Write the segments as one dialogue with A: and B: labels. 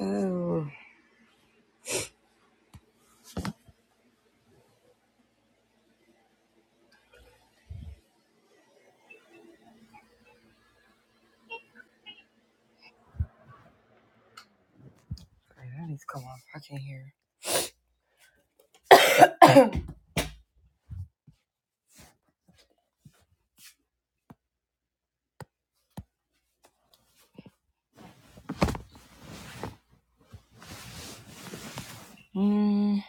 A: Oh, great, I need to come on fucking here. Mm,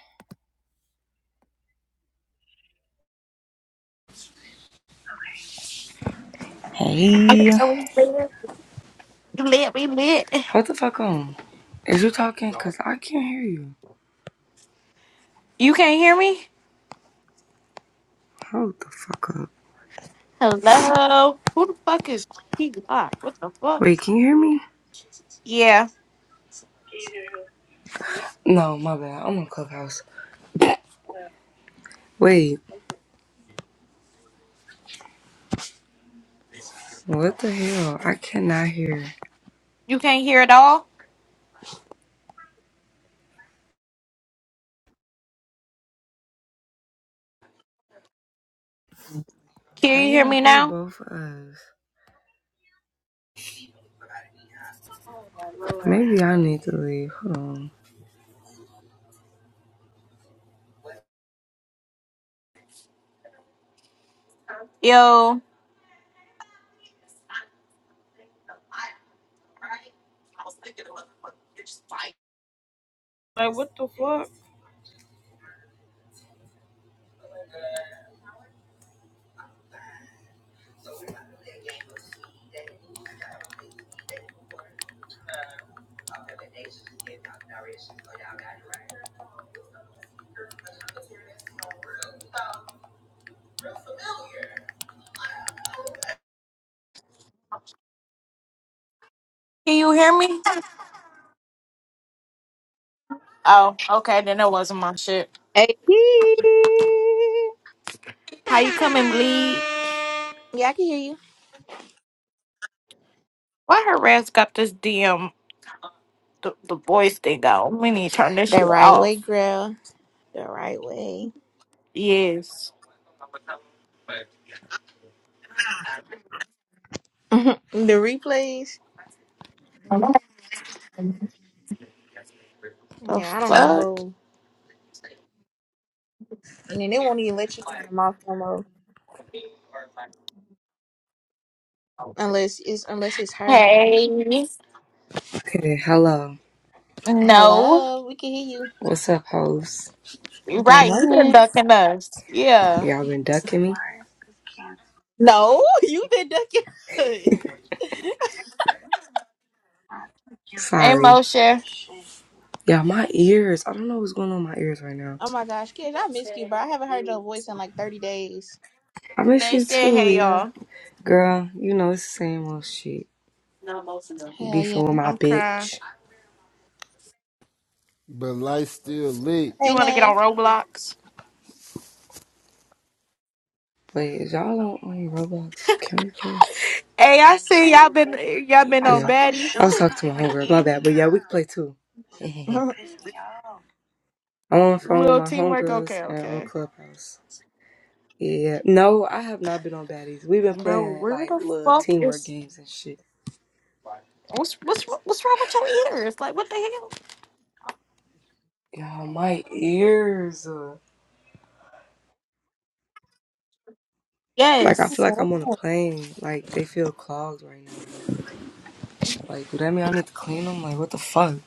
A: hey, hold the fuck on. Is you talking? Cause I can't hear you.
B: You can't hear me?
A: Hold the fuck up. Wait, can you hear me?
B: Yeah.
A: No, my bad. I'm on Clubhouse. Wait, what the hell? I cannot hear.
B: You can't hear at all?
A: How
B: Can you hear
A: y'all
B: me
A: hear
B: now?
A: both of us? Maybe I need to leave. Hold on.
B: Yo. Can you hear me? Oh, okay. Then that wasn't my shit.
C: Hey, Yeah, I can hear you.
B: Why her ass got this DM, the, the voice thing on? We need to turn this
C: The
B: shit
C: right way,
B: off.
C: girl. The right way.
B: Yes.
C: the replays. Yeah, I don't know. And then they won't even let you turn them off no more. Unless it's unless it's her.
B: Hey.
A: Okay, hello.
B: No.
C: Hello, we can hear you.
A: What's up, host?
B: You're
C: Good
B: right. you been
C: morning.
B: ducking us.
A: Y'all been ducking me?
C: No, you've been ducking us.
B: Hey,
A: Sorry.
B: Moshe.
A: Yeah, my ears. I don't know what's going on with my ears right now.
C: Oh my gosh, kid, I missed you, bro. I haven't heard your voice in like thirty days.
A: I miss
B: They
A: you
B: said,
A: too,
B: hey,
A: Leah.
B: y'all.
A: Girl, you know it's the same old shit.
C: Hell yeah.
A: Beefing with my
B: I'm crying.
A: bitch.
D: But light still lit.
B: You
C: Hey,
B: want to get
C: Nay.
B: on Roblox?
A: Wait, is y'all on, on Roblox? Can we play?
B: Hey, I see y'all been y'all been
A: I yeah.
B: on
A: fucking shoes
B: baddies.
A: I was talking to my homegirls. My bad, but yeah, we can play too. Fucking
C: but
A: Piss me off. I'm on the phone with
B: Little
A: my
B: teamwork.
A: homegirls
B: Okay,
A: and
B: okay.
A: on Clubhouse. Yeah. No, I have not been on baddies. We've been
B: Bro,
A: playing
B: where
A: like
B: the
A: little
B: fuck
A: teamwork
B: is
A: games and shit.
B: what's what's what's wrong with your ears? Like what the hell?
A: Y'all, my ears. uh, Like I feel
B: Yes.
A: like I'm on a plane. Like they feel clogged right now. Like, like do that mean I need to clean them? Like what the fuck?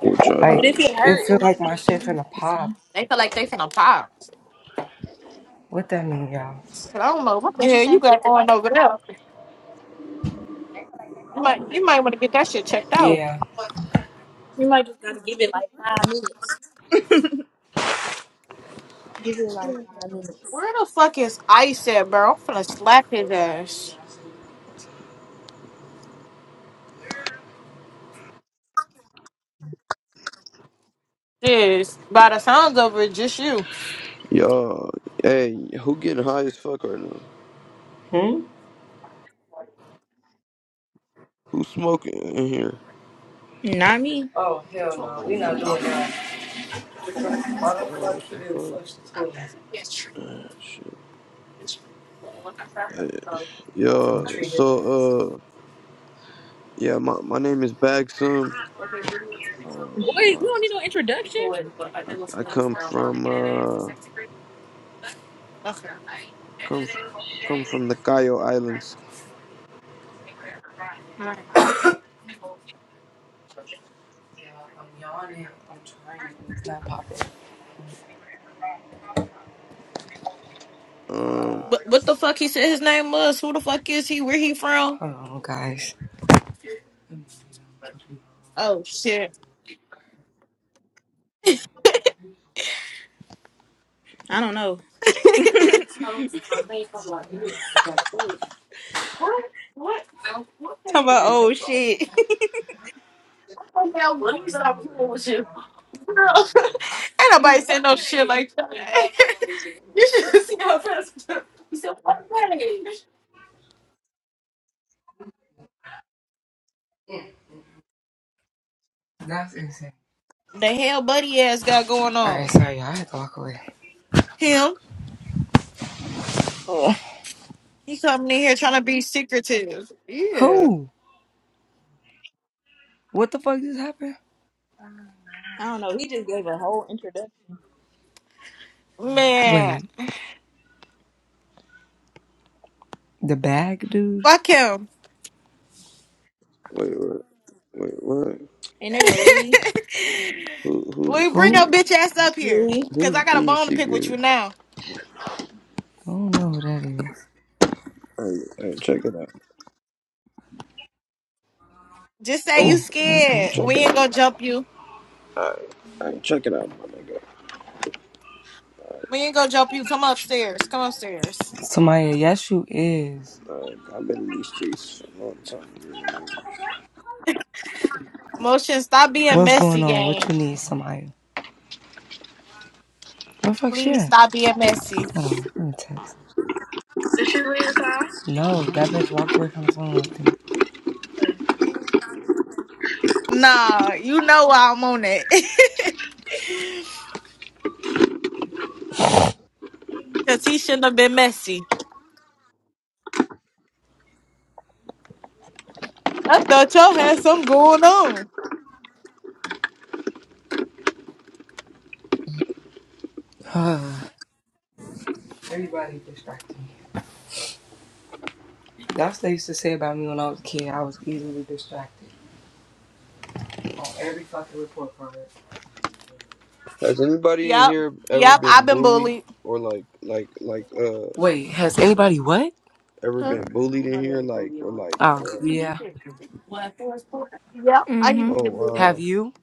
E: What y'all
A: Like
C: if
E: doing?
C: it
A: it
C: hurt,
A: feel
C: it might
A: like my
C: be
A: shit
C: an
A: finna
C: Aaron.
A: pop.
B: They feel like they finna pop.
A: What that mean, y'all?
B: And I don't know what the
C: What'd you
B: hell you
C: say?
B: got going over there. You might you might want to get that shit checked out.
A: Yeah.
C: You might just gotta give it like five minutes. Give it like five minutes.
B: Where the fuck is Ice at, bro? I'm finna slap his ass. Yes. By the sounds of it, just you.
E: Y'all, hey, who getting high as fuck right now?
A: Hmm?
E: Who smoking in here?
C: Not me.
A: Oh hell no, we not doing that. Why the
E: Oh,
A: fuck
E: what
A: he
E: the
A: didn't
E: fuck?
A: flush the toilet?
E: Ah, shit. Hey,
A: I'm finna
E: y'all,
A: treat his ass.
E: so, uh, yeah, my, my name is Bagsum. Um,
C: Boy, we
E: uh,
C: don't need no introduction.
E: I, I come from, uh, come, come from the Cayo Islands.
C: Right.
A: Yeah, I'm yawning. I'm trying. It's not popping.
E: Um,
B: But what the fuck he said his name was? Who the fuck is he? Where he from?
A: Hold on, guys.
B: Oh shit.
C: I don't know. Talk about old shit.
B: Girl, ain't nobody said no shit like that. You should-
A: That's insane.
B: the hell buddy ass got going
A: All right,
B: on?
A: sorry, y'all. I had to walk away.
B: Him?
A: Oh.
B: He coming in here trying to be secretive. Yeah.
A: Who? What the fuck just happened?
C: I don't know. He just gave a whole introduction.
B: Man.
A: Wait, the bag dude?
B: Fuck him.
E: wait, wait, wait, what?
C: And there go Louis.
E: Who, who's,
B: we bring your
A: Who?
E: who,
B: bitch ass up here.
C: Louis.
B: Cause
E: who's
B: I got a
E: being
B: bone to pick with you
E: secretive?
B: now.
A: I don't know who that is.
E: Hey, hey, check it out.
B: Just say you
C: Oh,
A: Hmm.
E: Hey,
B: scared.
E: check
B: We
E: it
B: ain't gonna
E: out.
B: jump you.
E: Hey, hey, check it out, my nigga.
B: We ain't gonna jump you. Come upstairs. Come upstairs.
A: Samaya, yes, you is.
E: Like, I've been in these streets for a long time. you know. what I mean?
B: Motion, stop being
A: What's going
B: messy,
A: on? What
B: gang.
A: you need, somebody? Where the fuck she
B: Please
A: at?
B: stop being messy.
A: Hold on, let me text. Did she leave the car? No, that bitch walked away from the phone, I think.
B: Nah, you know why I'm on it. Cause he shouldn't have been messy. I thought y'all had something going on.
A: Everybody distracted me. That's what they used to say about me when I was a kid. I was easily distracted on every fucking report card.
E: Has anybody in
B: Yep.
E: here ever
B: Yep.
E: been
B: I've been
E: bullied
B: bullied.
E: or like like like uh
A: Wait, has anybody what?
E: ever
B: Huh?
E: been bullied in here? Like or like
A: Oh,
E: uh,
A: yeah.
C: Mm-hmm.
E: oh
A: Have
E: wow.
A: you?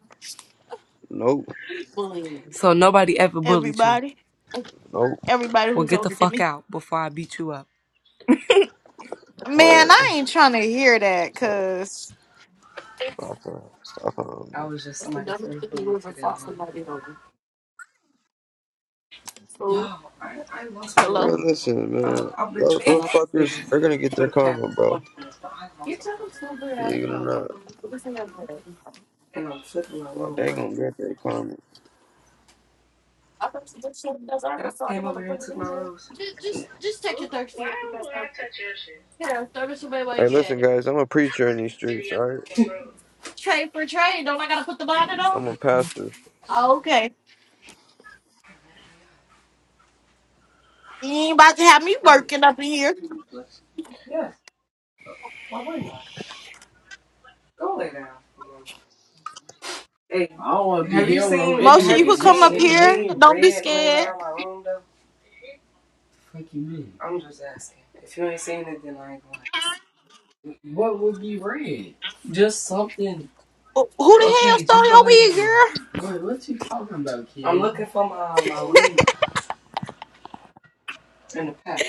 E: Nope,
A: So nobody ever bullied you.
B: Everybody.
E: nope.
B: Everybody
A: Well,
B: who's
A: get the
B: older than
A: fuck
B: me.
A: out before I beat you up.
E: What?
B: Man, I ain't trying to hear that,
E: Stop
B: cause
E: it. Stop
A: I
E: it.
A: was just somebody first bully today. Man. Y'all, I, I lost my rose.
E: Man,
A: Like,
E: listen,
A: I,
E: man.
A: I've been
E: Those,
A: trying
E: those
A: not to say
E: fuckers,
A: this
E: they're gonna get
A: for
E: their
A: the past
E: karma, bro.
A: 20 minutes, but I lost my fucking rose.
E: Believe it or not,
A: And I'm flipping my
E: Bro,
A: room.
E: they
A: Like,
E: gonna get their karma.
A: y'all came over here and took my rose.
B: just just just take
A: Who-
B: your
A: Why
B: thirsty. ass.
A: would I touch your shit?
B: Yeah, throw this away while you
E: Hey, listen,
B: get it.
E: guys. I'm a preacher in these
A: Maybe
E: streets. All right,
A: I'm from the
B: Trade for trade. Don't I gotta put the bonnet
A: Like, it's
B: on?
E: I'm a
A: not the new
E: pastor.
A: place.
B: Oh, okay. You ain't about to have me working up in here.
A: What? Yes. Why wouldn't I? Go lay down. Hey, I don't want to have you seen anyway.
B: Moshe, you
A: have you
B: could come
A: seen
B: up
A: you
B: here.
A: anything
B: Don't be
A: red laying
B: scared.
A: around my room though? Fuck you, mean? I'm just asking. If you ain't seen it, then I ain't gonna. have it. What would be red? Just something.
B: Who who the hell
A: Okay, just
B: stole
A: go
B: your
A: lay down
B: wig, girl?
A: there. What what you talking about, kid? I'm looking for my my weed in the pack.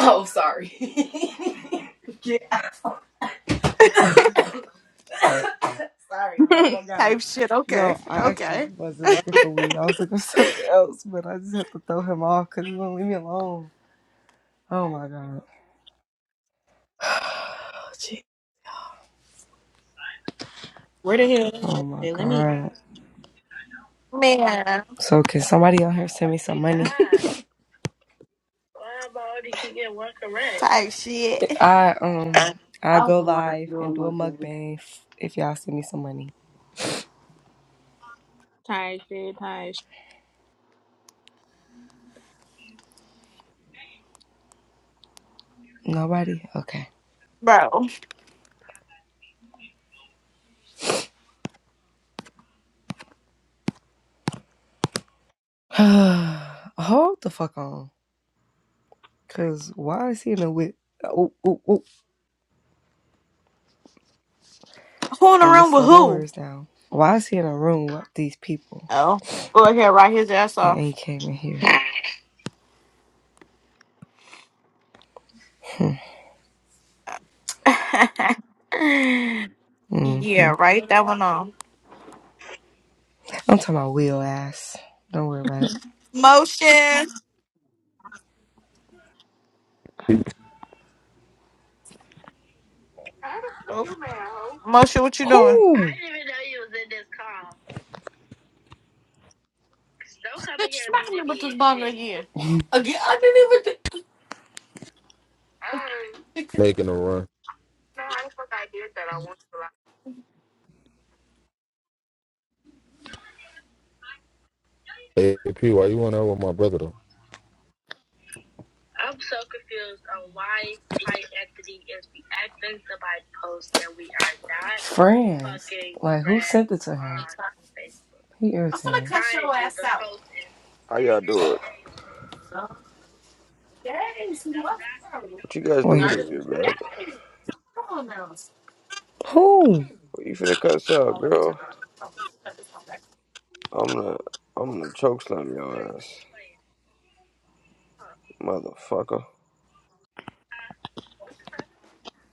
A: Oh, sorry. Get out. Sorry. Oh my god.
B: Type shit. Okay.
A: No, I actually
B: Okay.
A: wasn't looking for weed. I was looking for something else, but I just had to throw him off because he won't leave me alone. Oh my god.
C: where the hell? is
A: Oh
C: that?
A: my
C: Say, Let me.
A: god.
B: Man.
A: So can somebody out here send me some money? Why about you get one correct?
B: Type shit.
A: I um I go live and do a mukbang f- if y'all send me some money.
C: time shit? dead,
A: Nobody? Okay.
B: Bro.
A: Hold the fuck on. Cause why is he in a with ooh, ooh, ooh.
B: Who in the
A: let me
B: room with
A: slow my
B: who?
A: words down. Why is he in a room with these people
B: Oh. Go ahead, write his ass
A: and
B: off.
A: ain't came in here? hmm hmm
B: Yeah, right that one off.
A: I'm talking about Will ass. Don't worry about it.
B: Motion.
A: How the fuck you mad, ho?
B: Motion, what you doing?
A: Who? I didn't even know you was in this call. Don't come in
B: Bitch,
A: here and
B: smack
A: be the
B: me with
A: me
B: this
A: and
B: bottle
A: shit.
B: again. Again? I didn't even
A: Um,
B: think.
F: making a run.
A: no, I fuck I did that. I want.
F: Hey, P, why you want out with my brother though?
A: I'm so confused on why Clyde Anthony is reacting to my post that we are not Friends. fucking Like, who friends sent friends it to him? on Facebook. He
B: I'm gonna
A: irritated.
B: cut
A: Mind
B: your
A: you,
B: ass
A: the
B: out.
A: post is
E: How
A: three
E: y'all do
A: days.
E: it?
B: No.
A: Bitch,
B: Yes,
A: no,
B: what?
A: not to me, no
B: Started.
E: What you guys
A: further.
E: doing
A: Wait.
E: in here, man?
B: Come on now. Hold
A: Who?
E: What You finna cut out,
B: on, let me turn
E: girl.
B: around. Oh, cut this one back.
E: I'm gonna, I'm gonna choke slam
A: Roddy,
E: your ass,
A: what you playing?
E: motherfucker.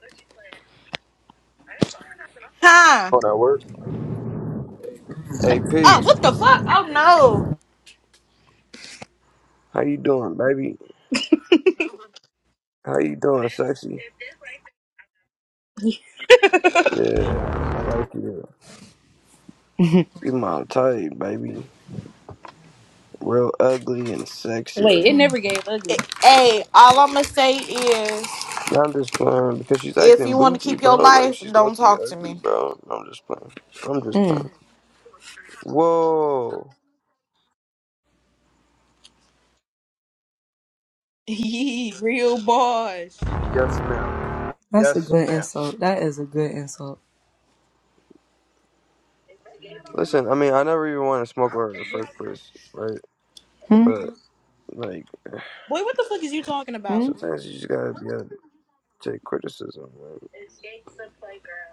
A: What you playing? I ain't playing nothing. I'm phone.
B: Huh?
F: Oh, that work?
B: Oh,
E: AP,
B: what the fuck? Oh no.
E: how you doing, baby? How you doing,
A: This,
E: sexy?
A: if this right
C: shit.
E: Yeah, I like you. You my type, baby. Real ugly and sexy.
C: Wait, it never gave ugly.
B: It- Hey, all I'm gonna say is,
E: Now I'm just playing because she's
B: if
E: acting
B: you want to
E: bougie,
B: keep
E: bro.
B: your
E: Like
B: life,
E: she's low
B: don't
E: key
B: talk to
E: ugly,
B: me.
E: bro. I'm just playing. I'm just
A: there is lame.
E: playing.
A: Mm.
E: Whoa.
C: Yee, Real boss.
E: Yes, ma'am.
A: That's a
E: Yes,
A: good
E: ma'am.
A: insult. That is a good insult.
E: Listen, I mean, I never even wanted to smoke with her in the
A: I'm
E: first place, right?
A: Hmm?
E: But like.
C: Boy, what the fuck is you talking about?
A: Hmm?
E: Sometimes you just gotta be able to take criticism. Right?
A: escape the playground.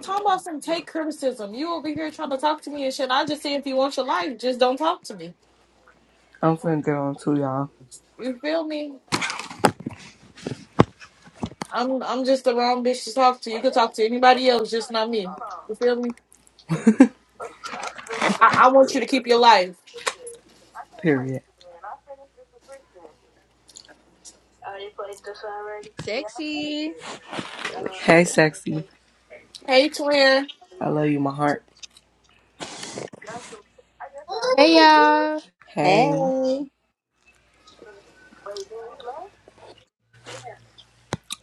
B: Talk about some take criticism. You over here trying to talk to me and shit. I just say if you want your life, just don't talk to me.
A: I'm finna get on too, y'all.
B: You feel me? I'm I'm just the wrong bitch to talk to. You could talk to anybody else, just not me. You feel me? I, I want you to keep your life.
A: Period.
C: Sexy.
E: That shit.
A: Hey, sexy.
B: Hey twin.
A: I love you, my heart.
G: Hey y'all.
A: Hey.
C: Hey,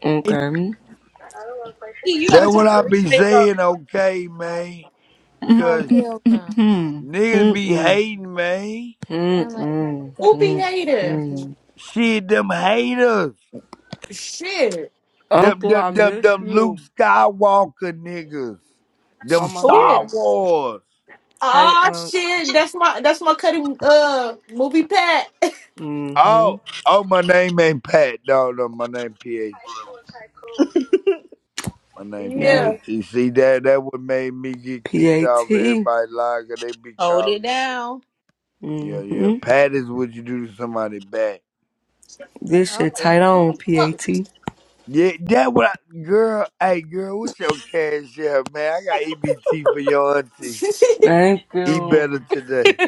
A: Okay.
C: Key, you gotta
H: That
C: turn
H: what
C: the
H: I be
C: replays on.
H: saying, okay, man.
G: Oh
H: Cause
G: hell no.
A: Mm-mm.
H: niggas be
A: Mm-mm.
H: hating, man.
G: Sound like he just
A: Mm-mm.
G: got
B: Who be
G: his
B: hater?
G: PTR.
A: mm
H: Shit, them haters.
B: Shit.
H: Them,
A: Uncle, I
H: them, them,
A: miss
H: them Luke
A: you.
H: Skywalker niggas. Them
A: Oh my
C: Who?
H: Star
B: Shit.
A: god.
H: Wars.
A: Hey,
B: Ah
A: uncle.
B: shit. That's my that's my cutting uh movie pat.
A: Mm-hmm.
H: Oh, oh, my name ain't Pat. No, no, my name PAT. My name
A: Yeah.
H: PAT. See, that, that what made me get kicked off
A: P-A-T.
H: everybody's line, 'cause they be
C: Hold it
H: calling me.
C: down.
H: Yeah, yeah.
A: Hmm.
H: Pat is what you do to somebody bad.
A: This shit
C: Oh.
A: tight on, PAT.
H: Yeah, that what I, girl. Hey, girl, what's your cash out, man? I got EBT for your auntie.
A: Thank
H: Eat better
A: you.
C: so
H: today.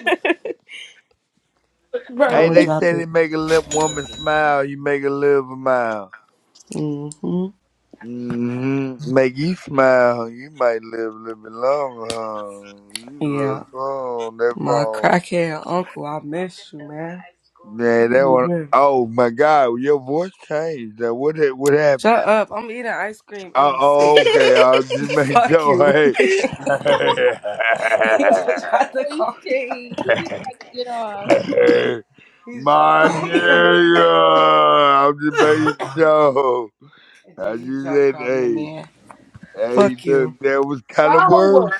A: I'm
H: Hey,
B: bro.
A: gonna
H: they
A: drop
H: say they
A: it.
H: make a lip woman smile, you make her live a mile.
A: hmm
H: hmm Make you smile, you might live a little bit longer. Huh? You
A: Yeah.
H: look strong, that
A: My
H: phone.
A: crackhead uncle, I miss you, man.
H: Yeah,
A: How
H: that
A: you
H: one.
A: been?
H: Oh my God, your voice changed. Now, What hap- what happened?
A: Shut up. I'm eating ice cream and
H: Oh,
A: I'm sick.
H: oh, okay. I'll just make
A: Fuck you.
H: sure.
A: he
C: much
A: just
C: your
A: tried to
H: Hey.
C: voice
A: call me a-
C: changed. He just tried to get off.
A: He's trying
H: my
A: to call me a
H: nigga,
A: man.
H: I'm just making sure. I
A: Gee, he's
H: just
A: trying to
H: said,
A: call me a
H: hey,
A: man.
H: hey,
A: Fuck you.
H: look, that was kind of worse.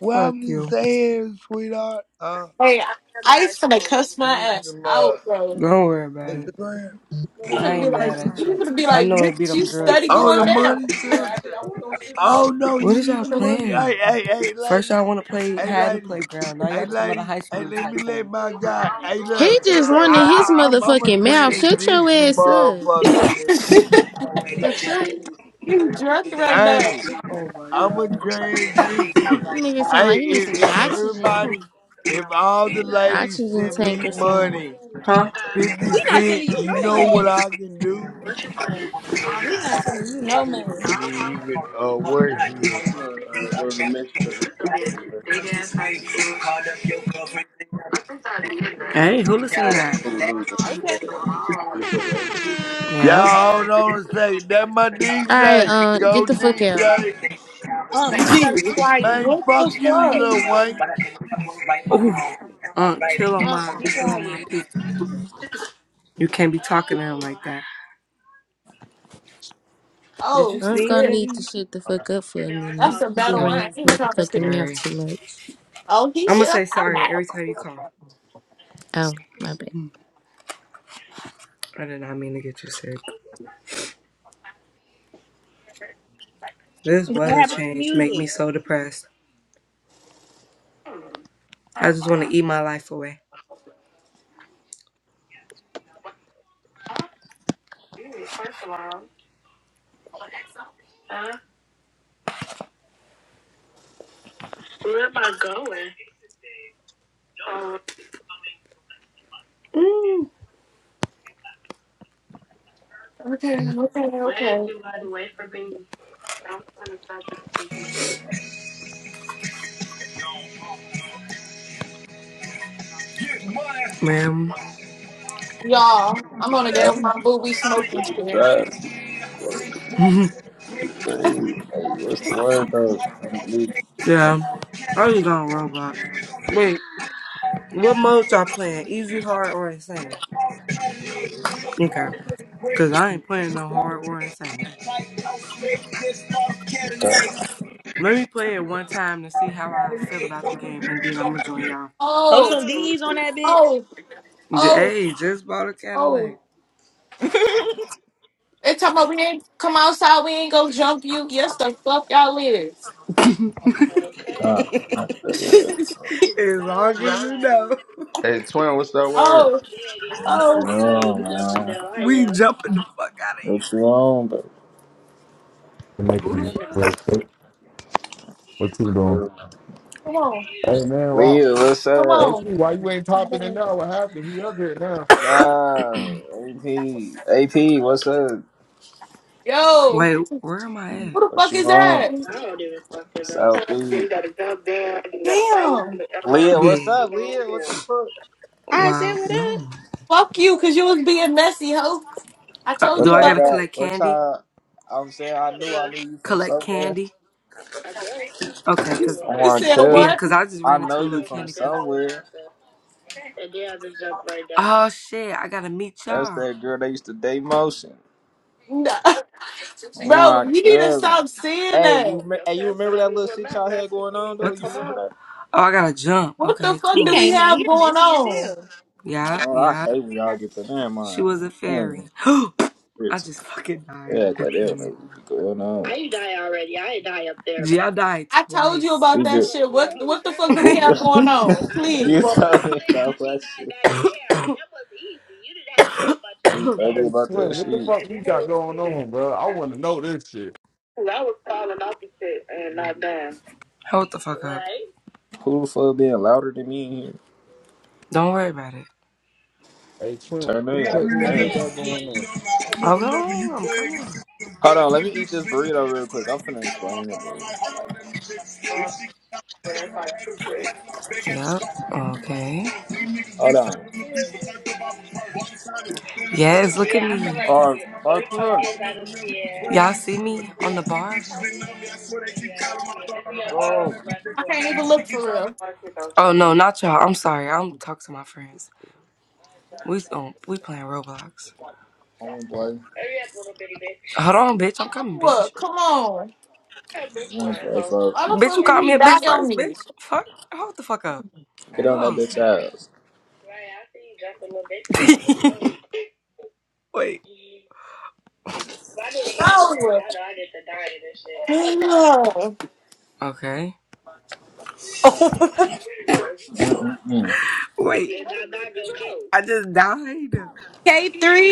H: Well,
A: Fuck
H: I'm just
A: you.
H: saying, sweetheart, uh,
B: Hey I used to like, cuss
H: you
B: my
H: need
B: ass
H: some uh,
B: out, bro.
A: Don't worry about it.
H: Instagram.
A: I ain't mad at you. I know it be
B: You
A: them drugs
B: study
H: Oh,
B: going
H: the
A: talking.
B: down.
H: money too. Oh no,
A: What
H: you
A: is
H: need
A: y'all
H: the money.
A: playing?
H: Hey, hey, hey,
A: First,
H: ladies,
A: y'all want to play
H: hey,
A: Had in the
H: ladies,
A: Playground. Now
H: hey,
A: y'all talking about a
H: ladies,
A: high
H: hey,
A: school
H: let me let
A: tycoon.
H: my guy. Hey,
G: He
H: look,
G: just running
H: I,
G: his
H: I- I'm, I'm a
G: motherfucking mouth. Shut your
H: transition
G: ass up.
H: motherfucker,
C: We
H: nigga.
I: Money,
G: The fuck?
B: you drunk right now.
H: Hey,
A: Oh my
H: I'm a
A: god.
H: transition.
G: That nigga sound
H: Hey,
G: like he needs
H: if,
G: some
H: if everybody,
G: oxygen.
H: if all the ladies
G: Oxygen
H: send me
G: tank or something.
H: money,
A: Huh?
H: 50
C: not
H: cent,
C: sending you
H: you
C: no
H: know what
C: money.
H: I can do?
C: We not sending you no money.
H: And then you can, uh, where's he at? No, uh, go to Mexico. just go to Mexico.
A: Hey, who listened to
H: Oh,
A: that?
H: cool, cool,
C: Okay.
H: cool. Do that right there.
A: Yeah.
H: Y'all hold on a second. That my
G: Alright,
H: DJ.
G: um, get
H: Go
G: the fuck out.
H: DJ.
C: Um, you gotta be
B: Gee.
C: quiet.
H: Man,
B: What
H: fuck
B: the
H: you, you little
B: fuck?
H: wank.
A: Ooh, um, chill on
C: Um,
A: my,
C: be
A: chill on my
C: quiet.
I: money,
A: people. You can't be talking to him like that. Did
B: Oh
A: you
G: I'm
A: sneeze,
B: shit.
G: gonna need to
A: Vivian?
G: shut the fuck up for a
B: That's
G: minute.
B: a
G: He be
B: battle
A: Oh,
G: running
B: I
G: his
B: ain't trying to pick.
G: motherfucking mouth
A: sorry.
G: too much.
B: Oh, he
A: I'm
B: should.
A: gonna say sorry every
B: Okay,
A: time you cough.
G: Oh, my bad.
A: I did not mean to get you sick. This
C: What
A: weather
C: happened to the
A: change make me
C: music?
A: so depressed. I just want to eat my life away. Mm, First of all, huh? Where am I going? Um, Mm.
B: okay,
A: Where
B: okay.
A: you got away from me? I'm trying to stop it. Ma'am,
B: Y'all, I'm gonna
J: I
B: get my booby smoking
J: just
B: shit.
J: drive some crazy. Hey, what's the word, bro? I'm just,
A: yeah, I just on Roblox. Wait, what mode y'all playing? Easy, hard, or insane? Easy. Okay, cause I ain't playing no hard or insane. Let me play it one time to see how I feel about the
I: money,
A: game, and
I: money,
A: then I'm gonna
I: money,
A: join
I: money,
A: y'all.
C: Throw
B: Oh,
C: some D's on that bitch.
B: oh,
A: J-
B: oh,
A: Hey, just bought a
B: oh.
A: Cadillac.
B: They talking about we ain't come outside, we ain't go jump you. Yes, the fuck y'all is.
A: as
J: uh, what
A: long as you know,
B: oh,
J: you
B: oh,
J: on, man?
A: we jumping the fuck out of
J: What you
A: you.
J: on,
F: You Make
A: Who
F: a
A: the fuck?
F: real quick. What you doing?
J: bro?
B: come
F: Hey man, wow.
J: Leah, what's up?
F: Hey
B: on.
F: P, why you ain't
C: What
F: popping in
C: up?
F: now? What happened? He up here now. What
J: Nah, AP, AP, what's up?
B: Oh,
A: Wait, where am I
B: who
A: at?
B: the
J: What
B: fuck
J: you
B: is that?
J: on?
A: I don't even fucking know.
J: Southeast.
A: You gotta jump down. You gotta follow
B: Damn.
A: the arrow.
J: Leah, what's up, Leah? What the
A: Yeah.
J: fuck?
C: I said
A: Wow.
C: what up.
A: No.
B: Fuck.
A: Uh,
J: What
A: do I
J: I
A: gotta
J: got?
A: collect
J: What
A: candy?
J: y'all? I'm saying I knew I
A: Huh?
J: knew you from
A: Collect
J: somewhere.
A: candy. Okay, cause
J: I want to tell.
A: yeah, cause I just
J: I
A: ran
J: know
A: into a
J: you
A: little
J: from
A: candy piece.
J: somewhere.
A: Oh shit! I gotta meet
J: That's
A: y'all.
J: that girl that used to date motion. Oh
B: Bro,
J: my
B: you need to
J: god.
B: stop saying
J: Hey, you
B: that.
J: rem- hey, you remember that little shit y'all had going on though?
A: What the
J: You remember
A: fuck?
J: that?
A: Oh, I gotta jump.
B: What the
A: Okay,
B: fuck
C: He
B: do
A: cool.
B: we
C: came in
B: have
C: here
B: going
C: messy as
B: on?
C: hell.
A: Yeah,
J: Oh, I
A: yeah.
J: hate when y'all get the damn
A: She
J: mind.
A: was a
J: Mm,
A: fairy. I
J: it's-
A: just fucking died
J: They act
A: at
J: like they
A: the
J: don't
A: end.
J: know what be going
A: I
J: on.
A: ain't die already. I ain't die up there. Yeah, I died
B: I told you
A: twice.
J: We
B: about that
J: just
B: shit. What what the fuck do we
A: I
J: what-
A: know.
B: have going on?
F: the
J: you
B: Please.
F: fuck,
A: That's what
J: told me
A: I'm saying. How
J: about
A: she
J: that
A: died
J: shit.
A: back there. That was easy. You didn't have to do much
J: You
A: up
J: told
A: there.
J: me about that
F: man, what the
A: Uh,
J: shit.
A: and
F: fuck we
A: then it
F: got
A: was
F: going
A: cheating.
F: on, bro? I want to know this shit.
A: Cause I was falling off the shit and not done. Hold the fuck up. Right?
J: Who the fuck being louder than me in here?
A: Don't worry about it.
F: Hey Twin, what
J: Turn
F: the
J: their
F: fuck
J: ass
F: me and
A: Hurry
I: Been
F: her
J: down.
A: up,
F: got
I: popping my
F: going
A: kid.
F: on?
I: shit on my whole
A: Hold
I: nother level. You
A: on, I'm
I: play against
A: coming.
I: systems,
J: Hold
I: girl.
J: on, let
I: These
J: me eat
I: bitches
J: this
I: been up.
J: burrito real
I: That's where
J: quick.
I: they
J: I'm
I: keep
J: finna
I: calling my
J: explain it,
I: phone. I'm
J: bro.
I: like, hold on, let me check. this shit.
A: Uh,
I: If she got days, man,
A: it's
I: I
A: like
I: had
A: two
I: good
A: bricks.
I: place. My big ass is
A: Yep.
I: boxing. It feel like a
A: Okay.
I: purse. These niggas be
J: Hold on.
I: serving the beats, but turned up off a purse. One side then I'm with her.
A: Yes, look
I: Yeah,
A: at
I: I
A: Yeah, I feel me.
I: really been
A: like
J: All right,
A: yeah,
I: popping my
A: three
I: shit on my
J: Arthur,
I: whole
A: pumpkins out
I: nother
A: of
I: level. You
A: ten.
I: play
A: Y'all
I: against
A: see
I: systems, girl.
A: me on the
I: These
A: bar?
I: bitches
A: How many
I: been up.
A: pieces
I: That's
A: of
I: where they
A: candy
I: keep
A: out of
I: calling my
A: ten?
I: phone.
A: It's in
I: I'm
A: your
I: like, hold on,
A: bottom
J: go.
I: let me check.
A: left
B: I
A: corner.
I: this
B: can't
I: shit.
B: even
I: If she
B: look
I: get
B: for
I: time, I-
B: real.
A: Mark it down. Oh no, not y'all. I'm sorry. I'm talking to my friends. We um, we playing Roblox.
J: I wanna play.
A: Hurry up, little bitty bitch. Hold on, bitch. I'm coming,
B: No,
A: bitch.
B: come on.
A: What a
J: I
A: Bitch,
J: wanna
A: word,
J: play,
A: hoe.
J: folks.
B: Why the
A: Bitch,
B: fuck
A: you
B: would
A: called
B: he
A: me a
B: die
A: bitch
B: on
A: first,
B: me?
A: bitch. Fuck. Hold the fuck up.
J: Get
A: You
J: on that
A: hoes.
J: bitch ass.
A: Right, I see you jumping, little bitch. Wait. My nigga hands hurt.
B: No.
A: Y'all know I get to die in this shit. Hell
B: Ugh.
A: no. Okay. Oh,
J: Mm-mm-mm.
A: wait. I just died.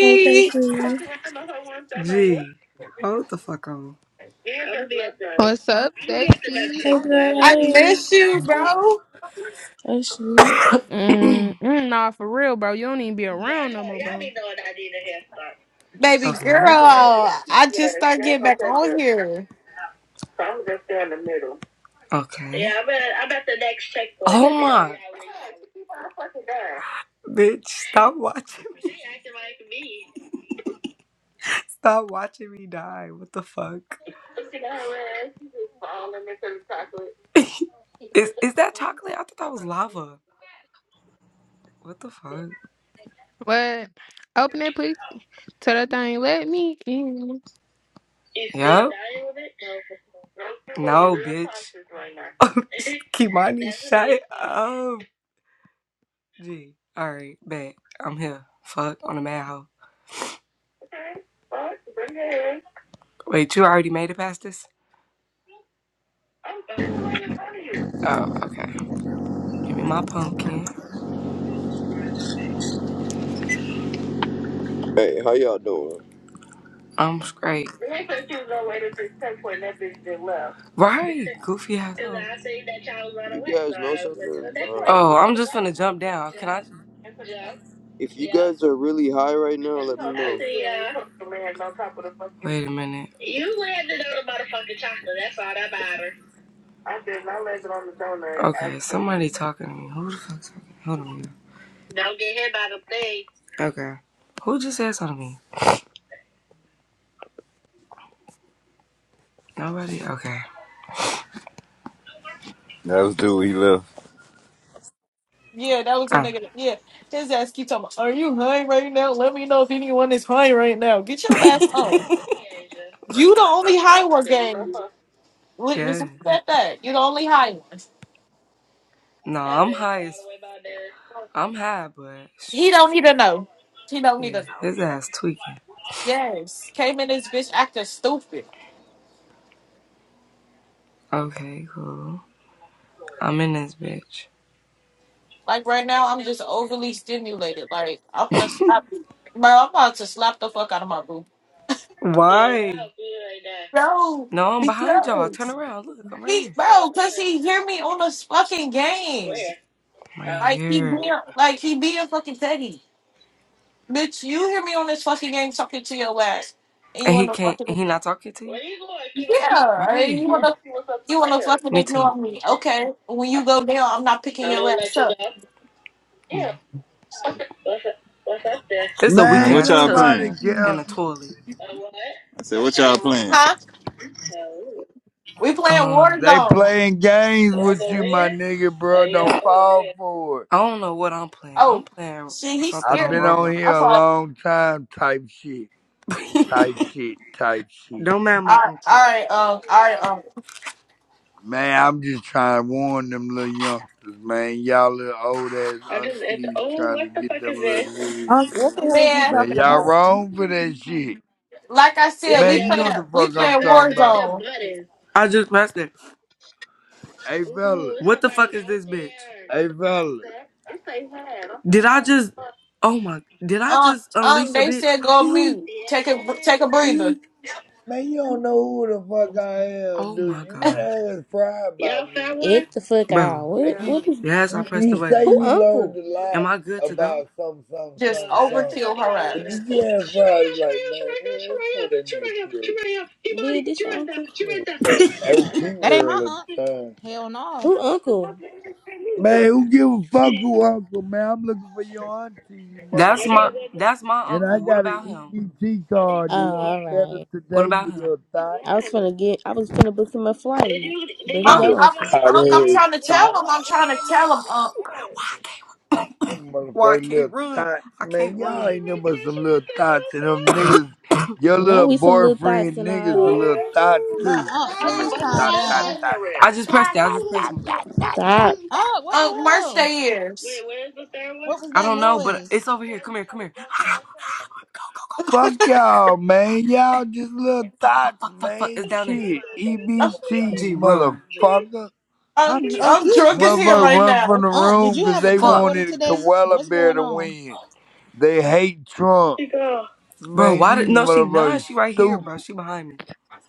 G: Hey K3.
A: Gee, hold the fuck on. I'm I'm I be at the I'll
K: What's up,
A: be at the next
G: Hey
K: sexy?
A: checkpoint.
G: girl.
A: I'm
B: I
A: not leaving. Y'all
G: Hey.
B: miss you, bro.
G: Oh shit.
K: Mm, mm, nah, for real, bro. You don't even be
A: y'all
K: around no more,
A: know, y'all be
K: bro.
A: knowing I need a head
B: Baby
A: start.
B: girl,
A: Okay.
B: I
A: Yes,
B: just started
A: they're
B: getting
A: gonna
B: back
A: take
B: on
A: it.
B: here.
A: So I'm just there in the middle. Okay. Yeah, I'm at I'm at the next checkpoint. Oh my. Bitch, stop watching me. She acting like me. Stop watching me die. What the fuck? Look at that red. She's just falling into the chocolate. Is is that chocolate? I thought that was lava. What the fuck?
K: What? Open it, please. Tell that thing, let me in.
A: You still Yup. dying with it? Don't you No, real bitch. toxic right now? Kimani, That's shut amazing. up. Gee. Alright, bet. I'm here. Fuck on a mad hoe. Okay. Well, bring it in. Wait, you already made it past this? I'm still right in front of you. Oh, okay. Give me my pumpkin.
E: Hey, how y'all doing?
A: I'm straight. They said she was gonna wait until ten point that bitch just left. Right, goofy ass. And I seen that y'all was right
E: You
A: away, so
E: guys know
A: I went to
E: something?
A: the next one.
E: Uh,
A: Oh, I'm just gonna jump down. Can I? Jump,
E: if you
A: yep.
E: guys are really high right now,
A: And you
E: let me
A: gonna
E: know.
A: I say see you you put the land on top of the fucking. Wait a minute. You landed on the motherfucking chocolate. That's all that matters. I did. I landed on the donut. Okay, somebody talking to me. Who the fuck talking? Hold on. you Don't get hit by the thing. Okay. Who just said something to me? Nobody? Okay.
L: That was dude. He left.
B: Yeah, that was a
A: Oh.
B: nigga. that- Yeah, his ass keep talking. about, Are you high right now? Let me know if anyone is high right now. Get your ass on. You the only high one gang. Look, Just
A: Yeah.
B: look at that. You the only high one.
A: No, I'm high as I'm high, but
B: He don't need to know. He don't need to
A: yeah,
B: know.
A: his ass tweaking.
B: Yes. Came in this bitch acting stupid.
A: Okay, cool. I'm in this bitch.
B: Like right now I'm just overly stimulated. Like I'm gonna slap you. Bro, I'm about to slap the fuck out of my boo.
A: Why?
B: Bro,
A: No, I'm behind y'all. Turn
B: because
A: around. Look, I'm right
B: he
A: here. Uh,
B: bro, cause he hear me on this fucking game.
A: where? right Oh.
B: Like he
A: here.
B: being like he being fucking petty. Bitch, you hear me on this fucking game talking to your ass. And
A: And
B: you
A: he
B: wanna
A: can't.
B: fucking
A: and He not talking to you. Where you going, Kibati?
B: Yeah. And
A: Right.
B: you
A: I want to
B: wanna
A: see what's up the
B: you wanna
A: stairs.
B: fucking
A: Me too.
B: ignore me. Okay. When you go down, I'm not picking
A: I'm
B: your
A: gonna
B: ass
A: let you
B: up.
A: go. Yeah. Yeah. What's up? What's up there? It's a weak
L: Man,
H: Man,
L: what
A: ass
L: y'all
H: don't
A: tub
L: playing?
H: nobody care.
A: and a toilet. A what?
L: I said,
A: A
L: what y'all
A: bedroom.
L: playing?
B: Huh? We playing
A: Um,
H: They
B: Warzone.
H: playing games
A: I
H: with
A: go
H: you, my
A: in?
H: nigga,
A: Oh,
H: bro.
A: you
H: Don't
A: don't go in
H: fall
A: there.
H: for it.
A: I don't know what I'm playing.
B: Oh,
A: I'm playing
B: shit, he's
A: something
H: I've
B: scared
A: on
H: been
B: me.
H: on
A: Roblox.
H: here
B: I
H: a
B: thought,
H: long time, type shit, type shit, type shit.
A: don't mind my
B: all
A: uncle.
B: right, all right, um, all right, um,
H: Man, I'm just trying to warn them little youngsters, man. Y'all little old ass
A: I just, it's,
H: aunties
A: oh,
H: trying to
A: what the
H: get
A: fuck is
H: them little
A: this?
H: niggas.
C: Um, what the hell is you
B: man,
H: Man,
C: talking
H: y'all
C: about?
H: wrong for that shit.
B: like I said,
A: Wait,
H: Man,
B: we
H: you
B: playing,
H: know
A: y'all.
H: what the
B: we
H: fuck I'm
A: Y'all
B: playing
A: gotta
H: talking
A: find
H: about.
A: that
B: Warzone.
A: button. I just pressed it.
H: Hey, fella.
A: Ooh, it's What the fuck somebody is out this out bitch? there. What
H: Hey,
A: is
H: fella.
A: that? It's a head. Did I just? Oh my! Did I
B: Um,
A: just
B: um,
A: unleash a
B: they
A: bitch?
B: said go
A: Ooh,
B: mute, take a, take a
A: Yes.
B: breather,
A: ooh.
H: Man, you don't know who the fuck I am,
A: Oh
H: dude.
A: my
H: You better
A: god!
H: ask Fry about
A: Y'all
H: me.
A: found one?
G: It the fuck out.
A: Bro,
H: I
G: What
A: Yeah.
H: think
G: what
H: you,
G: is
A: yes, I
H: you
A: pressed the
H: you say
A: button.
G: who
H: you
G: uncle?
H: learned a lot
A: Am I good to go?
H: about some, some,
A: No,
B: just
H: some,
A: I
H: some.
A: said I
B: overkill
A: only got one.
H: But
A: out.
B: harass.
H: did
A: Oh,
H: you have
A: she right here,
H: fun?
A: she
H: Like,
A: right here, she
H: man, what's
A: right here,
H: called that
A: she
H: nigga
A: right here,
H: P.O.T.?
A: she right here, she right here. He
G: Did
A: body,
G: this
A: she
G: your
A: right there,
G: uncle?
A: she right
H: Nigga,
A: there.
H: that LP
C: That ain't my
H: world at
C: aunt.
H: the time.
C: Hell no.
G: Who uncle?
A: Okay, what you
H: Man, who
A: do?
H: give a fuck who uncle, man? I'm looking for your auntie, you
A: That's my
H: motherfucker.
A: that's my
H: And I
A: uncle. What
H: got an
A: about him?
H: EBT
A: I need
H: card
G: Oh,
H: to
A: two
H: eat
A: more.
G: all
H: better
G: right.
A: What
H: today,
A: about
H: you
A: him?
H: little thot.
G: I was
A: One.
G: finna get. I was finna book him a flight,
A: Did you did
G: but
A: you
G: he
A: Oh.
B: Um,
A: get
G: your
H: Look,
A: the
B: I'm,
G: uncle.
A: one
H: hot
A: over
B: Unc, I'm
A: there?
H: ass
B: trying to tell
H: thot.
A: Wow,
B: him.
A: we
B: I'm
A: just
B: trying to
A: had
B: tell him.
A: that.
B: Unc,
A: Wow. Why I can't
H: Them
A: Why I
H: motherfucking
A: can't
H: little
A: run?
H: tots,
A: I can't
H: man.
A: Oh, run.
H: Y'all
A: she
H: ain't
A: right
H: nothing but
A: there,
H: some
A: she right
H: little
A: there, she
H: tots and them
A: right there.
H: niggas. Your
G: Now
H: little
G: we some little thoughts
H: boyfriend
G: and all
H: niggas a little tots too.
C: But Unc,
H: You
A: What's the
H: little
C: please
A: button that's
C: calm
H: tot, tot,
C: down.
A: behind her
G: that.
H: tot,
A: at? I
H: tot,
A: just
H: tot,
A: pressed it. I
H: tot,
A: just pressed
H: tot,
A: one.
H: tot, tot,
G: Stop.
H: tot.
C: Unc, what the
B: Unc, merch
C: hell?
B: their
A: Wait,
B: ears.
A: where's the third one?
C: What was
A: I
C: that
A: don't know, but
C: noise?
A: it's over here. Come here, come here. Go, go, go, go.
H: Fuck
A: She
H: y'all, man.
A: got us.
H: Y'all
A: Hey,
H: just little
A: fuck, fuck,
H: tots,
A: fuck, fuck, fuck.
H: man.
A: It's down She there. She right
H: Shit.
A: there, she right there,
B: Unc,
A: she right
H: EBT,
A: there. G, run. She right
H: motherfucker.
C: Unc,
B: I'm,
C: Unc
B: I'm
C: you
B: drunk as hell
C: tripping.
H: Motherfucker
B: right
H: run from
B: now.
H: the
C: Unc, did
H: room
C: you
H: 'cause
C: have a
A: there.
H: they
C: cup
A: Fuck.
C: water
H: wanted
C: today?
H: Koala
C: What's
H: Bear
C: going
H: to
C: on?
H: win. They hate Trump.
A: She go. Bro,
H: Man,
A: why did.
H: these
A: No, she
H: motherfuckers
A: not. She right here,
H: stupid.
A: bro. She behind me.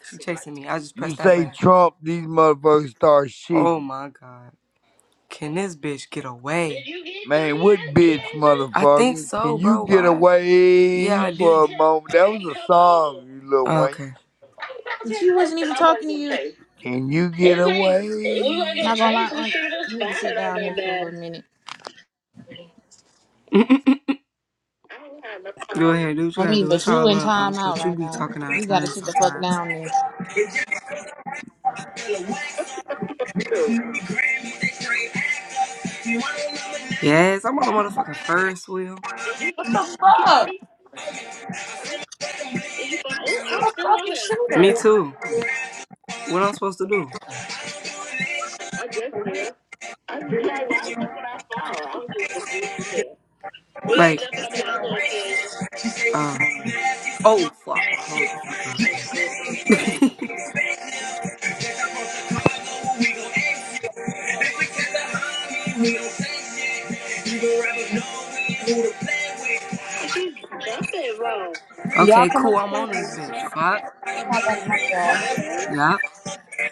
A: She chasing me. I just
H: You
A: pressed that
H: say
A: button.
H: Trump, these motherfuckers start
A: Oh
H: shitting.
A: my god. Can this bitch get away? Did you get three,
H: Man, what bitch,
A: Keandra? I think
H: motherfucker? Can
A: so,
H: you
A: bro.
H: get
A: Why? Yeah,
H: away
A: I And she do.
H: for a moment?
A: tell,
H: That was
A: Okay,
H: a
A: come
H: song, you little
A: on.
H: wank.
A: Okay. I was getting
C: She wasn't
A: chased and
C: even
A: I
C: talking
A: wasn't
C: to
A: getting
C: you.
A: chased.
H: Can you get
A: It's like we weren't
H: away?
A: getting
C: Not gonna lie,
A: chased. We
C: Unc,
A: should have
C: you need to
A: spotted
C: sit
A: on
C: down
A: that
C: there for a
A: man.
C: little minute.
A: I don't have no problem. Go ahead, do what you
C: I
A: gotta
C: mean,
A: do.
C: but
A: It's
C: you
A: all
C: in
A: up,
C: time
A: um,
C: out
A: but you
C: right
A: be
C: now.
A: talking out of
C: You gotta
A: turn
C: sit the fuck
A: sometimes.
C: down there.
A: True. Yes, I'm on the motherfucking first wheel. Did you follow
B: Fuck,
A: Kibani? Huh? Did you follow? Oh, I'm
B: what
A: still
B: fuck,
A: on
B: you
A: here. Me
B: shooter.
A: too. What I'm supposed to do? I just there. I'm like, why the fuck would I follow? I was just confused. We got Like, jump on that other occasion. uh, oh fuck, hold the fuck up. Oh shit.
I: we don't see the rapper, nothing who to play with.
A: I keep jumping wrong.
I: Read,
C: Y'all
A: okay,
C: come
A: cool. I'm on this
C: upstairs.
A: bitch. Fuck.
I: I'm
C: Not that
I: gonna
A: You
I: read,
A: on the other
I: but
A: one? Yeah.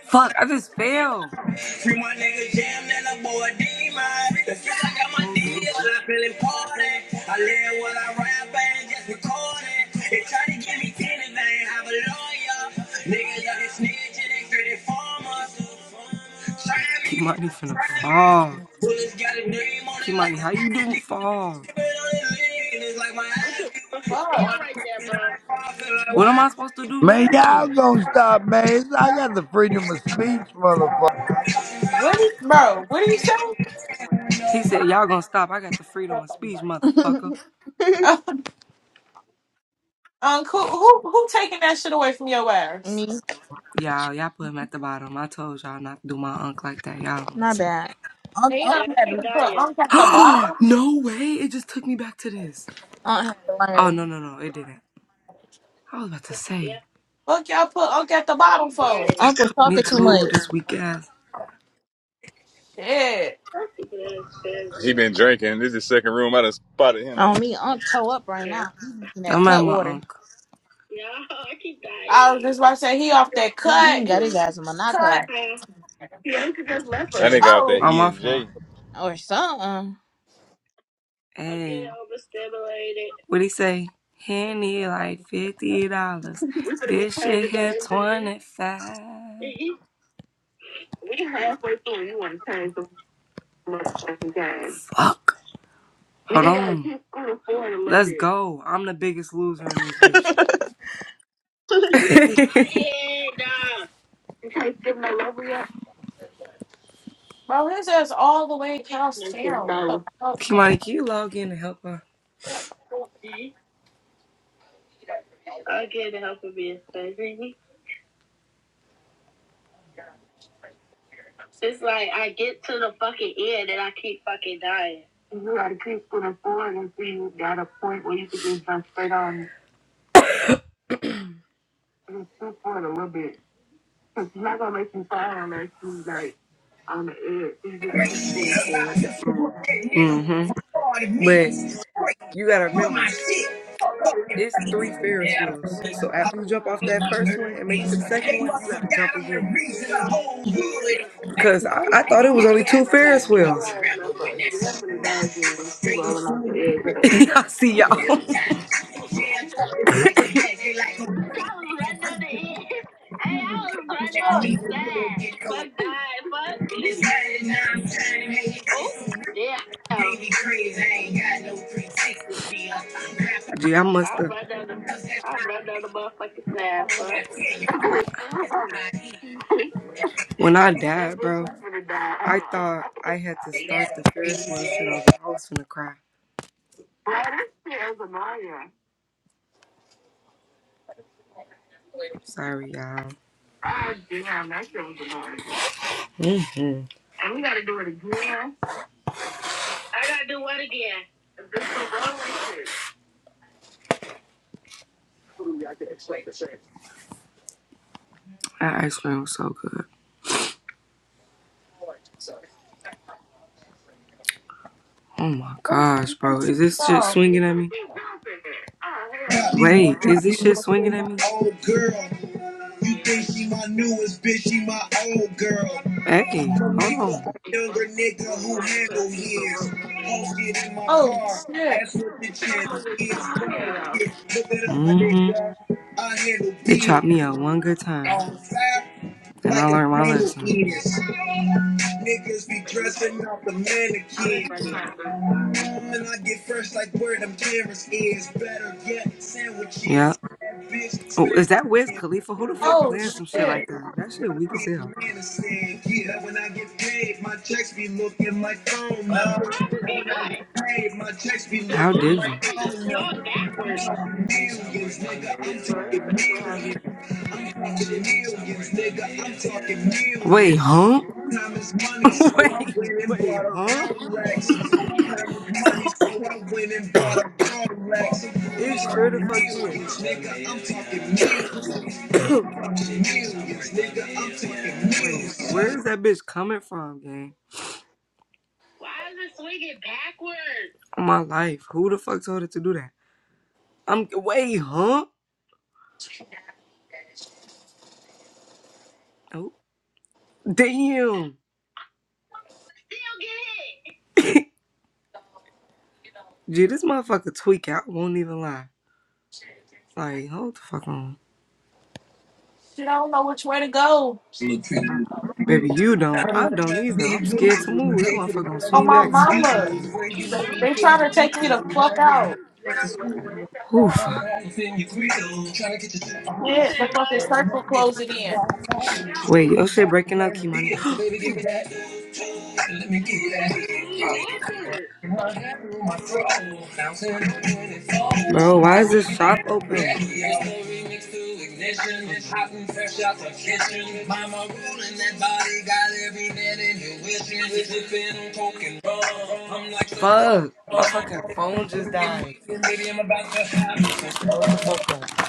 A: Fuck. I just fell.
I: Free my nigga jam, let a boy D mine. The fuck I got my
A: Move,
I: deal. I'm
A: bitch.
I: feeling party. I live what I rap and just record it. They try to give me tennis, I ain't have a lawyer. Niggas out here snitching, they straight informers. Try me,
A: Kimani finna
I: try me.
A: fall.
I: Bullets got a name on it like
A: Kimani, how
I: the
A: you didn't
I: ID.
A: fall?
I: Spit on his lean, it's like my
A: I just
I: ID.
A: fucking
B: Fuck.
I: My
A: fell right there,
I: fucking
A: bro.
I: life, I feel like
A: What am
I: what?
A: I supposed to do
H: Man,
A: now?
H: y'all gonna stop, man. It's- I got the freedom of speech, motherfucker.
B: What, do- bro? What do you say?
A: He said, Y'all gonna stop. I got the freedom of speech,
C: my bad.
A: motherfucker.
B: Uncle, who who who taking that shit away from your ass?
C: Me,
A: Y'all, y'all put him at the bottom. I told y'all not to do my unk like that. Y'all don't
C: my
A: listen.
C: bad. Unc,
B: Damn,
C: Uncle had
B: they
C: to learn.
B: done put Unc at the
A: Oh
B: bottom.
A: no way! It just took me back to this.
C: Uncle had to
A: Oh
C: learn.
A: no no no! It didn't. I was about to say.
B: Fuck y'all put Unc at the bottom for.
C: Unc
A: Me
C: talking too
A: too.
C: much.
A: This weak ass.
B: Shit.
L: He been drinking. This is the second room I done spotted him
C: On
L: in.
C: me, i toe up right now. He in that
A: I'm at my
C: Cutwater.
A: uncle.
B: I was just about to say he off that
C: He he done
B: cut.
C: got his ass in
B: Cut.
C: Monaco
L: That nigga out there
B: Oh,
A: On
L: E
A: my
L: and
A: fault.
L: J.
C: or something.
A: Hey. What he say? He need like fifty dollars. This shit here twenty five. Fuck. Hold on. Let's go. I'm the biggest loser in this bitch.
B: bro, his ass all the way across town.
A: Kimani, can you log in to help her? I'll get the help of being crazy. It's like I get to the fucking end and I keep fucking dying. You gotta keep putting forward until you got a point where you can just jump straight on and shoot for a little bit. Cause you're not gonna make me fall on that too, like on the edge. You just keep putting forward. Mhm. But you gotta remember, it's three Ferris wheels. So after you jump off that first one and make it to the second one, you gotta jump again.
I: Get
A: Cause I, I thought it was only two Ferris wheels.
I: on that
A: Y'all
I: straight.
A: see y'all.
I: Yeah, talk is back to back, they like a
A: Bitch,
I: crazy
A: I was running down
I: man.
A: the end. Hey, I was
I: Teaching
A: running
I: that
A: down the
I: me to do get low.
A: side. Fuck that.
I: And it's
A: Fuck.
I: hard and I'm trying to make it
A: Oh,
I: taste so real.
A: damn.
I: can be crazy, I ain't got no pretext to be a rapper.
A: Gee, I must have. I run down the
I: Cause that's
A: I
I: how
A: run
I: I be.
A: motherfucking
I: Oh, I
A: side. Fuck.
I: tell you, that's how it is.
A: When I died, bro, I thought I had to start the Ferris wheel shit over. I was finna cry. Bro, that shit is annoying. Sorry, y'all. Ah damn, that hmm And we gotta gotta do do it again. again? I gotta do what again? This is the wrong way shit. That ice cream was so good. Oh my gosh, bro. Is this shit
B: Oh,
A: swinging at me? Oh, hell
I: Got
A: no.
I: me one,
A: Wait, is
I: got
A: this
I: me
A: shit
I: one for
A: swinging at
I: my
A: me?
I: old girl. You think
A: Yeah.
I: she my newest bitch, she my old girl. I'm
A: Hey,
I: a
A: hold
I: leaper,
A: on.
I: a
A: Oh,
I: younger nigga
A: you
I: who
A: have to pass
I: handle
A: this little
I: his.
A: rope.
I: Hoes get in my
B: oh
I: car,
B: shit.
I: ask what the channel is. Dog shit, look it up, my
A: hmm
I: nigga. I handle
A: It
I: big,
A: chopped me up one good time,
I: on fire
A: and I
I: like
A: learned
I: a
A: my
I: candle
A: lesson.
I: is. Niggas be dressing up the mannequin. When I get fresh like where them cameras is, better yet,
A: Yeah.
I: sandwiches. That bitch,
A: Oh, is
I: Spanish.
A: that Wiz
I: friends,
A: Khalifa? Who
I: my
A: the fuck
I: baby
A: playing some shit
I: friends
A: like that? That shit weak as
I: be a
A: hell.
I: man and say, yeah, when I get paid, my checks be looking like phone numbers. Yeah, When I get paid, my checks be
A: How
I: looking
A: did you?
I: like phone numbers. I'm talking millions, nigga, I'm talking millions. I'm talking millions, nigga, I'm talking
A: Wait, huh?
I: millions. Time is money, so I
A: wait,
I: went and
A: wait,
I: bought a
A: huh?
I: Rolex. Time is money, so I went and bought a Rolex.
A: it
I: I'm
A: sure
I: talking
A: the fuck did.
I: millions, nigga, I'm talking millions. I'm taking Millions, nigga, I'm taking
A: wait,
I: millions.
A: where is that bitch coming from, gang? Why is it swinging backwards? My life. Who the fuck told it to do that? I'm wait, huh? Oh, damn. Still get hit. Gee, this motherfucker tweak out. Won't even lie. Like, hold the fuck on.
B: Shit, I don't know which way to go.
A: Baby, you don't. I don't either. I'm
I: Big
A: scared to
I: good.
A: move. That
I: pay for the
A: motherfucker gonna
B: Oh
I: gun,
A: swing
B: my
A: back,
I: feeling
A: smack my
B: mama.
A: dumb
I: views.
A: ass.
I: Where you
B: They,
A: Buddy,
I: going,
B: they
A: how
I: things
A: you
B: trying
A: do
B: to
I: you
B: take me
A: this?
B: the
I: do.
B: fuck
I: Now being
B: out.
I: back to school.
A: Ooh,
I: Got on
A: fuck.
I: my life in your grill. Tryna get your shit on.
B: Shit, the fucking circle
I: Must be
B: closing
I: a
B: in.
I: wild card. Show
A: Wait, your
I: you
A: shit
I: why you
A: breaking up,
I: plan to be
A: Kimani.
I: it. Baby, give me
A: Wait.
I: that. Let me get
A: Fucking swing
B: Uh,
I: that.
A: backwards.
I: My hand through my throat. Bouncing on when it falls.
A: Bro, why is this shop
I: There's
A: open?
I: no remix to ignition.
A: Hold on.
I: Hot and fresh out the kitchen. Mama ruling that body. Got every man in your wishing. we sipping on coke and rum. I'm like so
A: Fuck. My fucking
I: wrong.
A: phone just died.
I: Baby, I'm about to have you so
A: Hold the fuck up.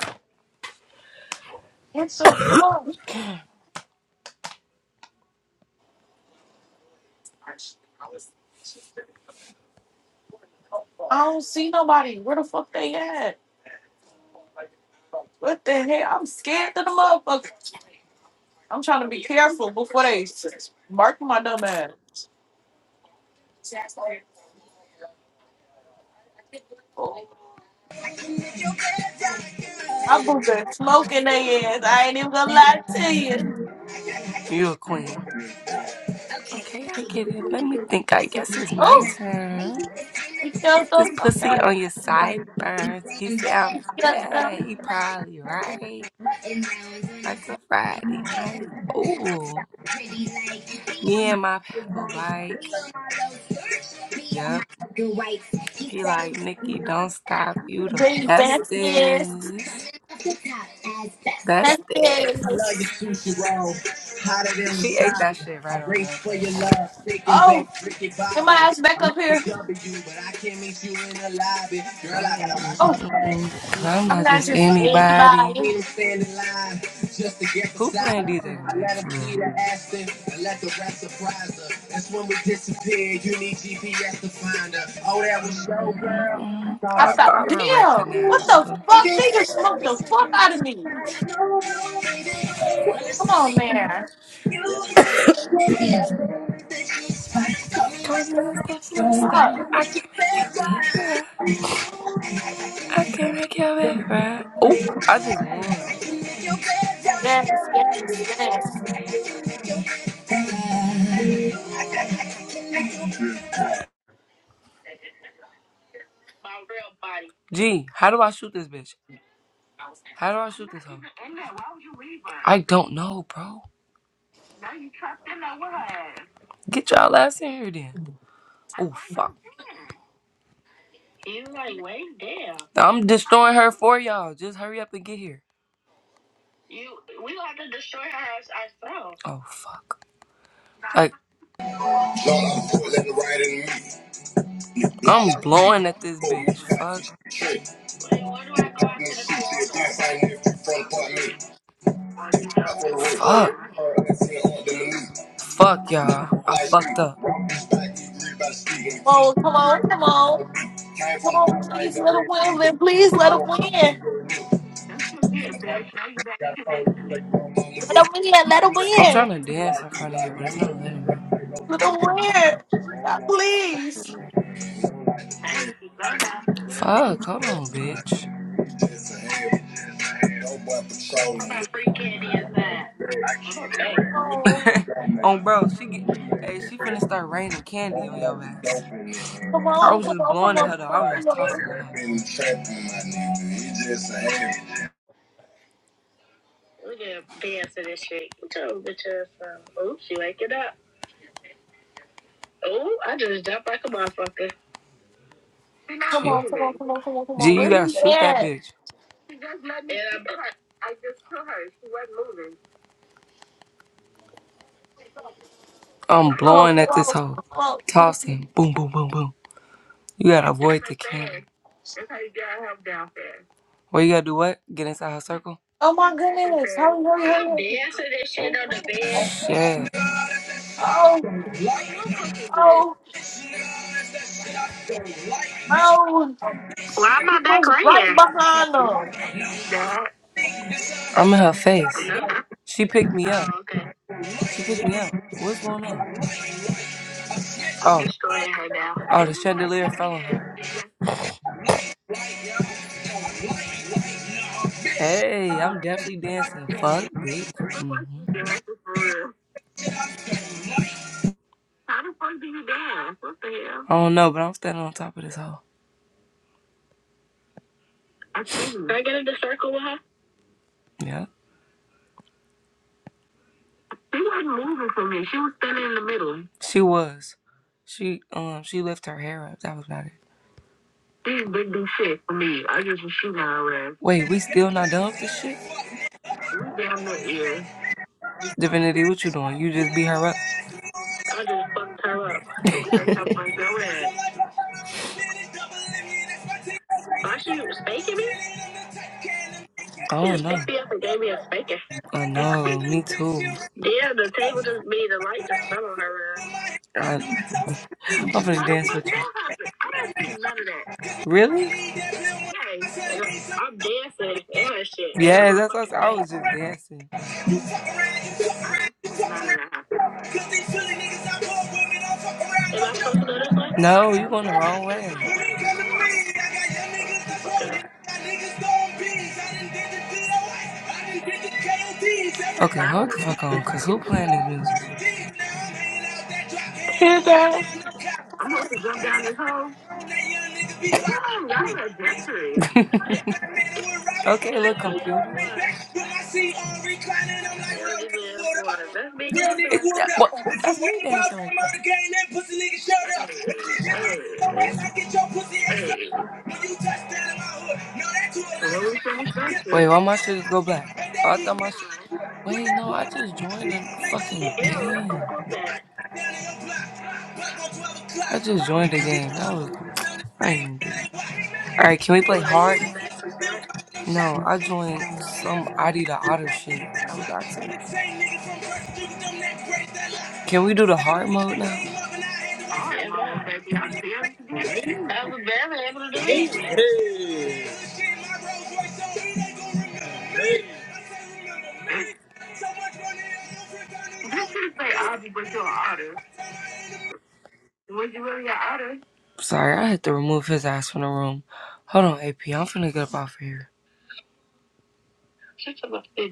B: It's a fuck. I don't see nobody. Where the fuck they at? What the hell? I'm scared to the motherfucker. I'm trying to be careful before they bark my dumb ass. Oh, my boo been smoking their ass. I ain't even gonna lie to you.
A: You're a queen. Okay, I get it. Let me think. I guess it's my
B: Oh,
A: turn.
B: we killed
A: Put this
B: them.
A: pussy
B: Okay.
A: on your sideburns. He said I'm bad. He probably right. Like a Friday night.
I: wrong.
A: Ooh.
I: pretty like me
A: Me
I: on my
A: and my pedal
I: right,
A: bike.
I: me on my low search, me on my
A: Yep.
I: good whites. He
A: He
I: say
A: like,
I: we
A: Nikki, don't
I: don't
A: stop.
I: stop, we
A: You the
I: just do. That's coming
A: bestest.
I: off the top as best.
A: Bestest.
I: I love your sushi roll, hotter than
A: She ate that
I: wasabi.
A: shit
I: I
A: right on
I: race
A: up.
I: for your love, thick and baked, Ricky Bobby. I'm at the W, but I can't meet you in the lobby. Girl, I gotta
A: Mm, mm,
I: watch
A: mm,
B: Oh,
I: my
A: mm,
I: back.
A: mm.
I: I'm
A: i
I: not
A: I'm
I: just
B: I'm
A: not
B: not
A: just
B: just
I: anybody.
A: anybody.
I: I
B: anybody.
I: Seen them stand in line just to get
A: Who
I: beside
A: playing DJ
I: her. I
A: tonight?
I: let her see the Aston and let the rest surprise her. That's when we disappeared. You need GPS to find her. Oh, that was your girl. I
A: Mm-mm-mm.
I: thought
B: I
I: I
A: I
B: thought,
A: thought
I: recognized.
A: I
B: damn, what
A: recognized
B: the
A: her.
I: Well, let
B: fuck? They just smoked the fuck out
I: the
B: of me. Come on, man.
A: Call me Mr.
B: Fuck.
A: Flintstone. I can make your bed right. I can make your bed right. Oh, I just won.
B: Yes, yes, yes.
A: My real body. Gee, how do I shoot this bitch? How do I shoot this hoe? in there. Why would you leave her? I don't know, bro. Now you trapped in there with her ass. Get y'all ass in here then. Oh, fuck. You like way down. I'm destroying her for y'all. Just hurry up and get here. You, we gonna have to destroy her as, ourselves. Oh fuck. Like
I: ride in me. I
A: I'm
I: like
A: blowing at this
I: for me,
A: bitch.
I: got
A: Fuck.
I: these trick.
A: Wait, where do I go
I: New
A: after the
I: shoes, they do
A: piano?
I: find me if you front part me. Up for the way, for
A: Fuck.
I: the way, for the way, for the
A: Yeah.
I: on
A: Fuck y'all. I
I: Like street,
A: fucked up.
I: rock this back, these three by street. When it comes
B: Oh,
I: to
B: come
I: me,
B: on, come on.
I: came
B: Come
I: from the
B: on,
I: bottom, I ain't
B: please let
I: never
B: them
I: ain't
B: win.
I: sleep.
B: Please let them win. Let
A: That's your good, bitch. Now you back
I: Got a
A: here
I: soul,
A: next to
I: you
A: me.
I: like, mama,
B: them win. Let them
A: I'm
B: win.
A: trying to dance in
I: Trapping
A: front of
I: my
A: you, but it's not letting me.
B: little weird. God, Please.
A: Hey, we can go now. Fuck. Hold on, bitch. My free candy inside. I'm okay. oh, bro. She get. Hey, she finna start raining candy on your ass. I was just blowing at her though. I was just tossing at her.
I: nigga, he just a habit.
A: Look at her pants and this shit. Told bitch ass. um, Oh, she waking up. Oh, I just jumped like a motherfucker. She's not Gee, moving. gee, you gotta shoot that
B: Yeah.
A: bitch. she just let me. And shoot I, her. I just put her. She wasn't moving. I'm
B: No,
A: blowing at this
B: no,
A: hoe,
B: no.
A: tossing, boom, boom, boom, boom. You gotta avoid the camera. That's how you got help down fast. Well, you gotta do what? Get inside her circle.
B: Oh my
A: That's her
B: goodness. Hurry, hurry,
A: fast.
B: hurry.
A: I'm
B: hurry,
A: dancing this
B: hurry,
A: shit on the
B: hurry.
A: bed. Shit.
B: Oh,
A: On my fucking bed.
B: oh, oh.
A: Why am
B: He
A: I back
B: was
A: right
B: right
A: here?
B: behind them.
A: You died? I'm in her face. No. She picked me up. Oh, okay. She picked me up. What's going on? I'm Oh, destroying her now. oh, the chandelier fell on yes, her. yes. Hey, I'm definitely dancing. Fuck, bitch. Everyone hmm dancing for real. How the fuck do you dance? What the hell? I don't know, but I'm standing on top of this hoe. I see. Did I get in the circle with her? Yeah, She wasn't moving for me. She was standing in the middle. she was. She um she lifted her hair up. That was about it. She did do shit for me. I just was shooting her ass. Wait, we still not done with this shit? We damn near is. Divinity, what you doing? You just beat her up? I just fucked her up. Straight up on your ass. Why she spanking me? I She don't just know. picked me up and gave me a spanking. I know, me too. yeah, the table just made the light just fell on her ass. I, I'm gonna How the dance fuck with you. that happened? I didn't see none of that. Really? Yay. And I, I'm dancing and her shit in Yes, her that's what I fucking said. I was just dancing.
I: You fuck around, you fuck
A: I
I: around,
A: didn't
I: you
A: see
I: fuck
A: none of that
I: around.
A: happen.
I: Cause these Philly niggas out here with me don't fuck around,
A: Am
I: no
A: I
I: joke.
A: supposed
I: No,
A: to go
I: I
A: this way? No,
I: know
A: you
I: not
A: going the
I: care.
A: wrong way. Where
I: When it
A: is it
I: come to me,
A: going?
I: I got young niggas
A: Oh,
I: that's rolling. I got niggas throwing beans. I done did the D.O.S., I done did the KODs. Every
A: Okay,
I: time
A: hold the fuck on, cause who playing this music,
I: I
A: bro?
I: did, now I'm hanging out that drop head. I'm riding down no cop.
A: I'm supposed to jump down this hole.
I: I'm that young nigga be
A: Damn, y'all
I: watching.
A: are different.
I: If that man would rob it,
A: Okay,
I: then
A: look
I: two
A: little
I: door
A: computer.
I: Maybach. With my seat on reclining, I'm like,
A: Yo,
I: real
A: this
I: nigga,
A: little
I: what
A: boy.
I: up?
A: That's me
I: Real
A: dancing
I: nigga,
A: right
I: what
A: there.
I: up?
A: what?
I: If you
A: That's me
I: ain't about
A: dancing
I: that
A: right there.
I: murder game, then pussy nigga, shut
A: Hey,
I: up. If you hit me in your ass, I get your pussy
A: hey,
I: ass up.
A: hey.
I: When you touch that in my hood, no, that to a
A: Well,
I: life
A: we
I: ain't
A: think
I: good.
A: special.
I: Cause he
A: Wait, why
I: hit
A: my
I: me
A: shit
I: in
A: just
I: my
A: go
I: head,
A: black?
I: and
A: Oh,
I: then
A: I thought
I: he
A: my
I: get
A: shit.
I: good. With
A: Wait,
I: that
A: no, I
I: boomer like
A: just
I: my
A: joined
I: feet,
A: the Yeah,
I: like that
A: fucking what
I: little
A: the
I: bitch
A: fuck
I: in I
A: game. was
I: hood. Boy,
A: that?
I: I shot down in your block, block on 12 o'clock.
A: I just joined the
I: And we
A: game. That
I: going
A: was
I: through this on the
A: I didn't
I: same
A: even do
I: thing,
A: that. All right, can we play Oh, are you hard? going now? back to start? No, I joined some Adi the Otter
I: Same
A: shit.
I: niggas that
A: That was an
I: flop, I'm
A: accident.
I: the same nigga from West Street, them that break that lot.
A: Can we do the
I: Same
A: hard
I: nigga
A: mode
I: that
A: now?
I: came up and
A: All right, yeah, mama, bye. baby. I barely did anything. I was barely able to do anything.
I: I had
A: This should say Ozzy, but you're an otter. Was you really an otter? Sorry, I had to remove his ass from the room. Hold on, AP. I'm finna get up off of here. Shut up.